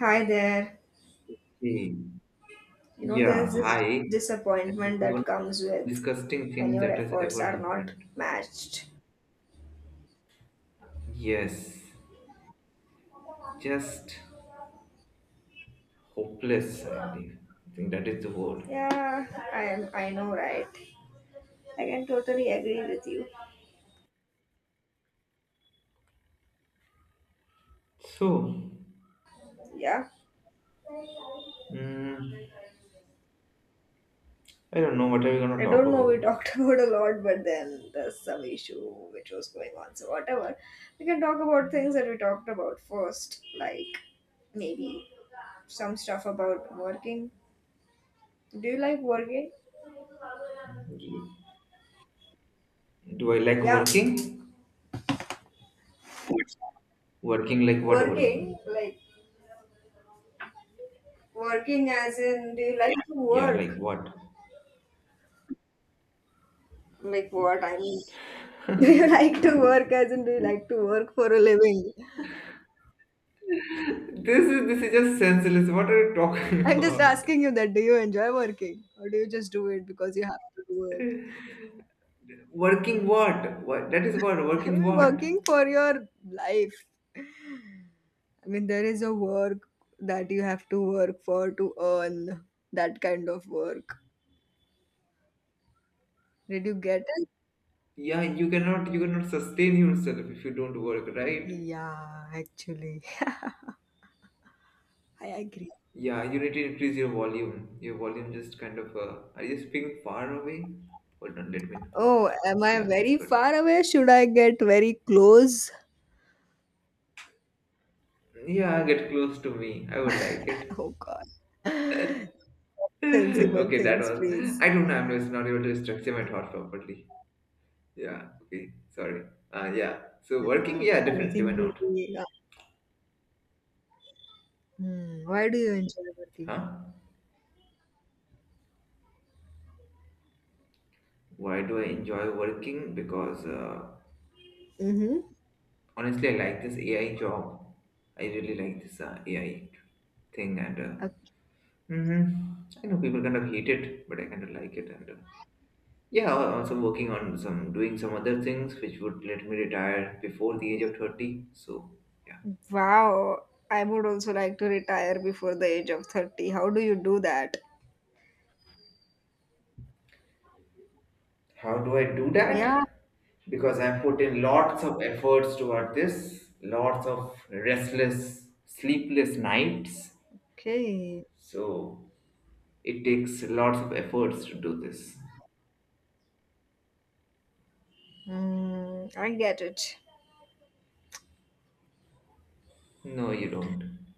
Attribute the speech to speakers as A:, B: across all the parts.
A: Hi there.
B: Okay.
A: You know,
B: Yeah,
A: there's this
B: hi. And this is
A: disappointment
B: one
A: that
B: of
A: comes
B: the
A: with
B: disgusting
A: when
B: thing
A: your
B: that has
A: efforts
B: ever
A: are not
B: happened.
A: matched.
B: Yes, just hopeless, I believe. I think that is the word.
A: Yeah, I am. I know, right? I can totally agree with you.
B: So,
A: Yeah,
B: mm, I don't know what are we gonna
A: I
B: talk
A: don't know. We
B: about.
A: talked about a lot, but then there's some issue which was going on. So whatever, we can talk about things that we talked about first, like maybe some stuff about working. Do you like working?
B: Ye- Do I like
A: Yeah,
B: working? Working like what
A: working
B: working?
A: Working as in, do you like to
B: Yeah, like
A: work?
B: what?
A: Like what? I mean, do you like to work as in, do you like to work for a living?
B: This is just senseless. What are you talking
A: I'm just
B: about?
A: asking you that. Do you enjoy working? Or do you just do it because you have to do it?
B: Working what? What that is what
A: I
B: working
A: mean,
B: what?
A: working for your life. I mean, there is a work that you have to work for to earn that kind of work. Did you get it?
B: Yeah, you cannot sustain yourself if you don't work, right?
A: Yeah, actually. I agree.
B: Yeah, you need to increase your volume. Your volume just kind of are you speaking far away? Hold on, let me increase
A: Oh,
B: it.
A: am I
B: Yeah, it's
A: very
B: good.
A: far away? Should I get very close?
B: Yeah, get close to me, I would like it.
A: Oh God. Sensible
B: Okay, that
A: things,
B: was,
A: please.
B: I don't know, I'm just not able to structure my thought properly. Yeah, okay, sorry. Yeah, so working,
A: Yeah,
B: yeah,
A: I
B: definitely, why
A: think
B: not?
A: uh, why do you enjoy working?
B: Huh? Why do I enjoy working? Because
A: Mm-hmm.
B: honestly, I like this AI job. I really like this AI thing, and mhm, I know people kind of hate it, but I kind of like it. And yeah, I'm also working on some doing some other things which would let me retire before the age of 30. So yeah,
A: Wow, I would also like to retire before the age of 30. How do you do that?
B: how do I do
A: Yeah,
B: that? Because I put in lots of efforts toward this, lots of restless, sleepless nights.
A: okay.
B: So it takes lots of efforts to do this.
A: Mm, I get it.
B: No, you don't.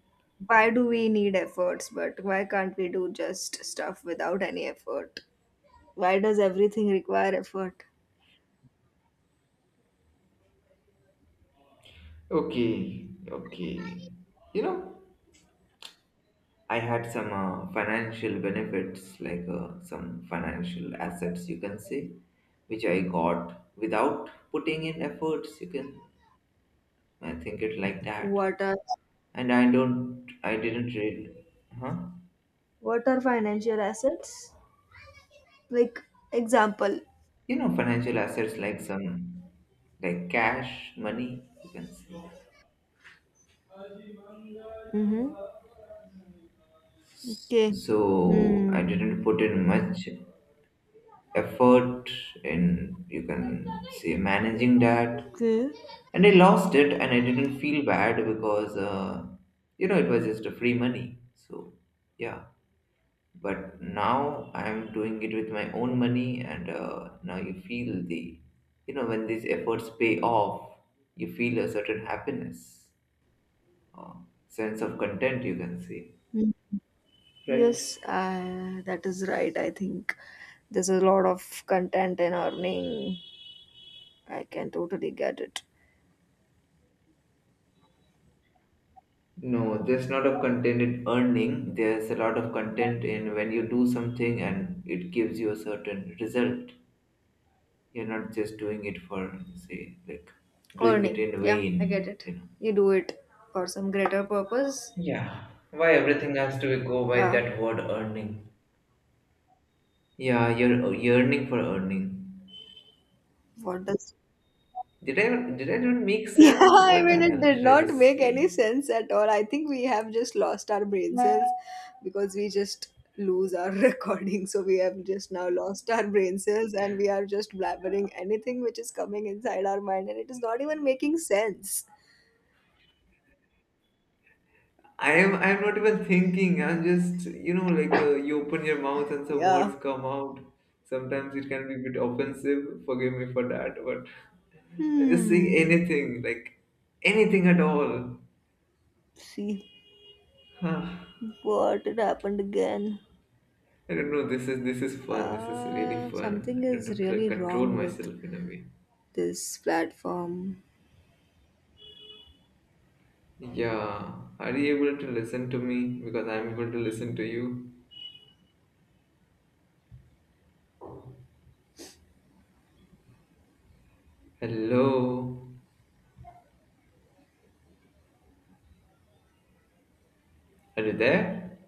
A: Why do we need efforts, but why can't we do just stuff without any effort? Why does everything require effort?
B: Okay, okay. You know, I had some financial benefits, like some financial assets, you can say, which I got without putting in efforts. You can, I think it like that.
A: What are
B: And I don't, I didn't really, huh?
A: what are financial assets? Like example.
B: You know, financial assets like some, like cash, money, you can say.
A: Mm-hmm. Okay.
B: So I
A: Hmm.
B: didn't put in much effort in, you can say, managing that,
A: Okay.
B: and I lost it, and I didn't feel bad because you know, it was just a free money. So yeah, but now I'm doing it with my own money, and now you feel the, you know, when these efforts pay off, you feel a certain happiness, uh, sense of content, you can say,
A: Hmm.
B: right?
A: Yes, that is right. I think there's a lot of content in earning. I can totally get it.
B: No, there's not of content in earning. There's a lot of content in when you do something and it gives you a certain result. You're not just doing it for, say, like doing it
A: Earning,
B: in
A: yeah, I get
B: vain,
A: it.
B: you know.
A: You do it for some greater purpose.
B: Yeah. Why everything has to go by
A: Yeah,
B: that word earning? Yeah, you're yearning for earning.
A: what does
B: Did I did I not make
A: yeah,
B: sense?
A: I
B: What the
A: mean, it
B: hell
A: did
B: did I
A: not
B: just
A: make any
B: say?
A: sense at all. I think we have just lost our brain cells because we just lose our recording. So we have just now lost our brain cells and we are just blabbering anything which is coming inside our mind and it is not even making sense.
B: I'm not even thinking. I'm just, you know, like you open your mouth and some
A: Yeah.
B: words come out. Sometimes it can be a bit offensive. Forgive me for that, but I'm just saying
A: Hmm.
B: anything at all.
A: See what it happened again.
B: I don't know. This is fun. This is really
A: Something
B: fun. I don't
A: is
B: have to like
A: really
B: control
A: wrong with
B: myself in a way.
A: this platform.
B: Yeah. Are you able to listen to me? Because I'm able to listen to you. Hello. Are you there?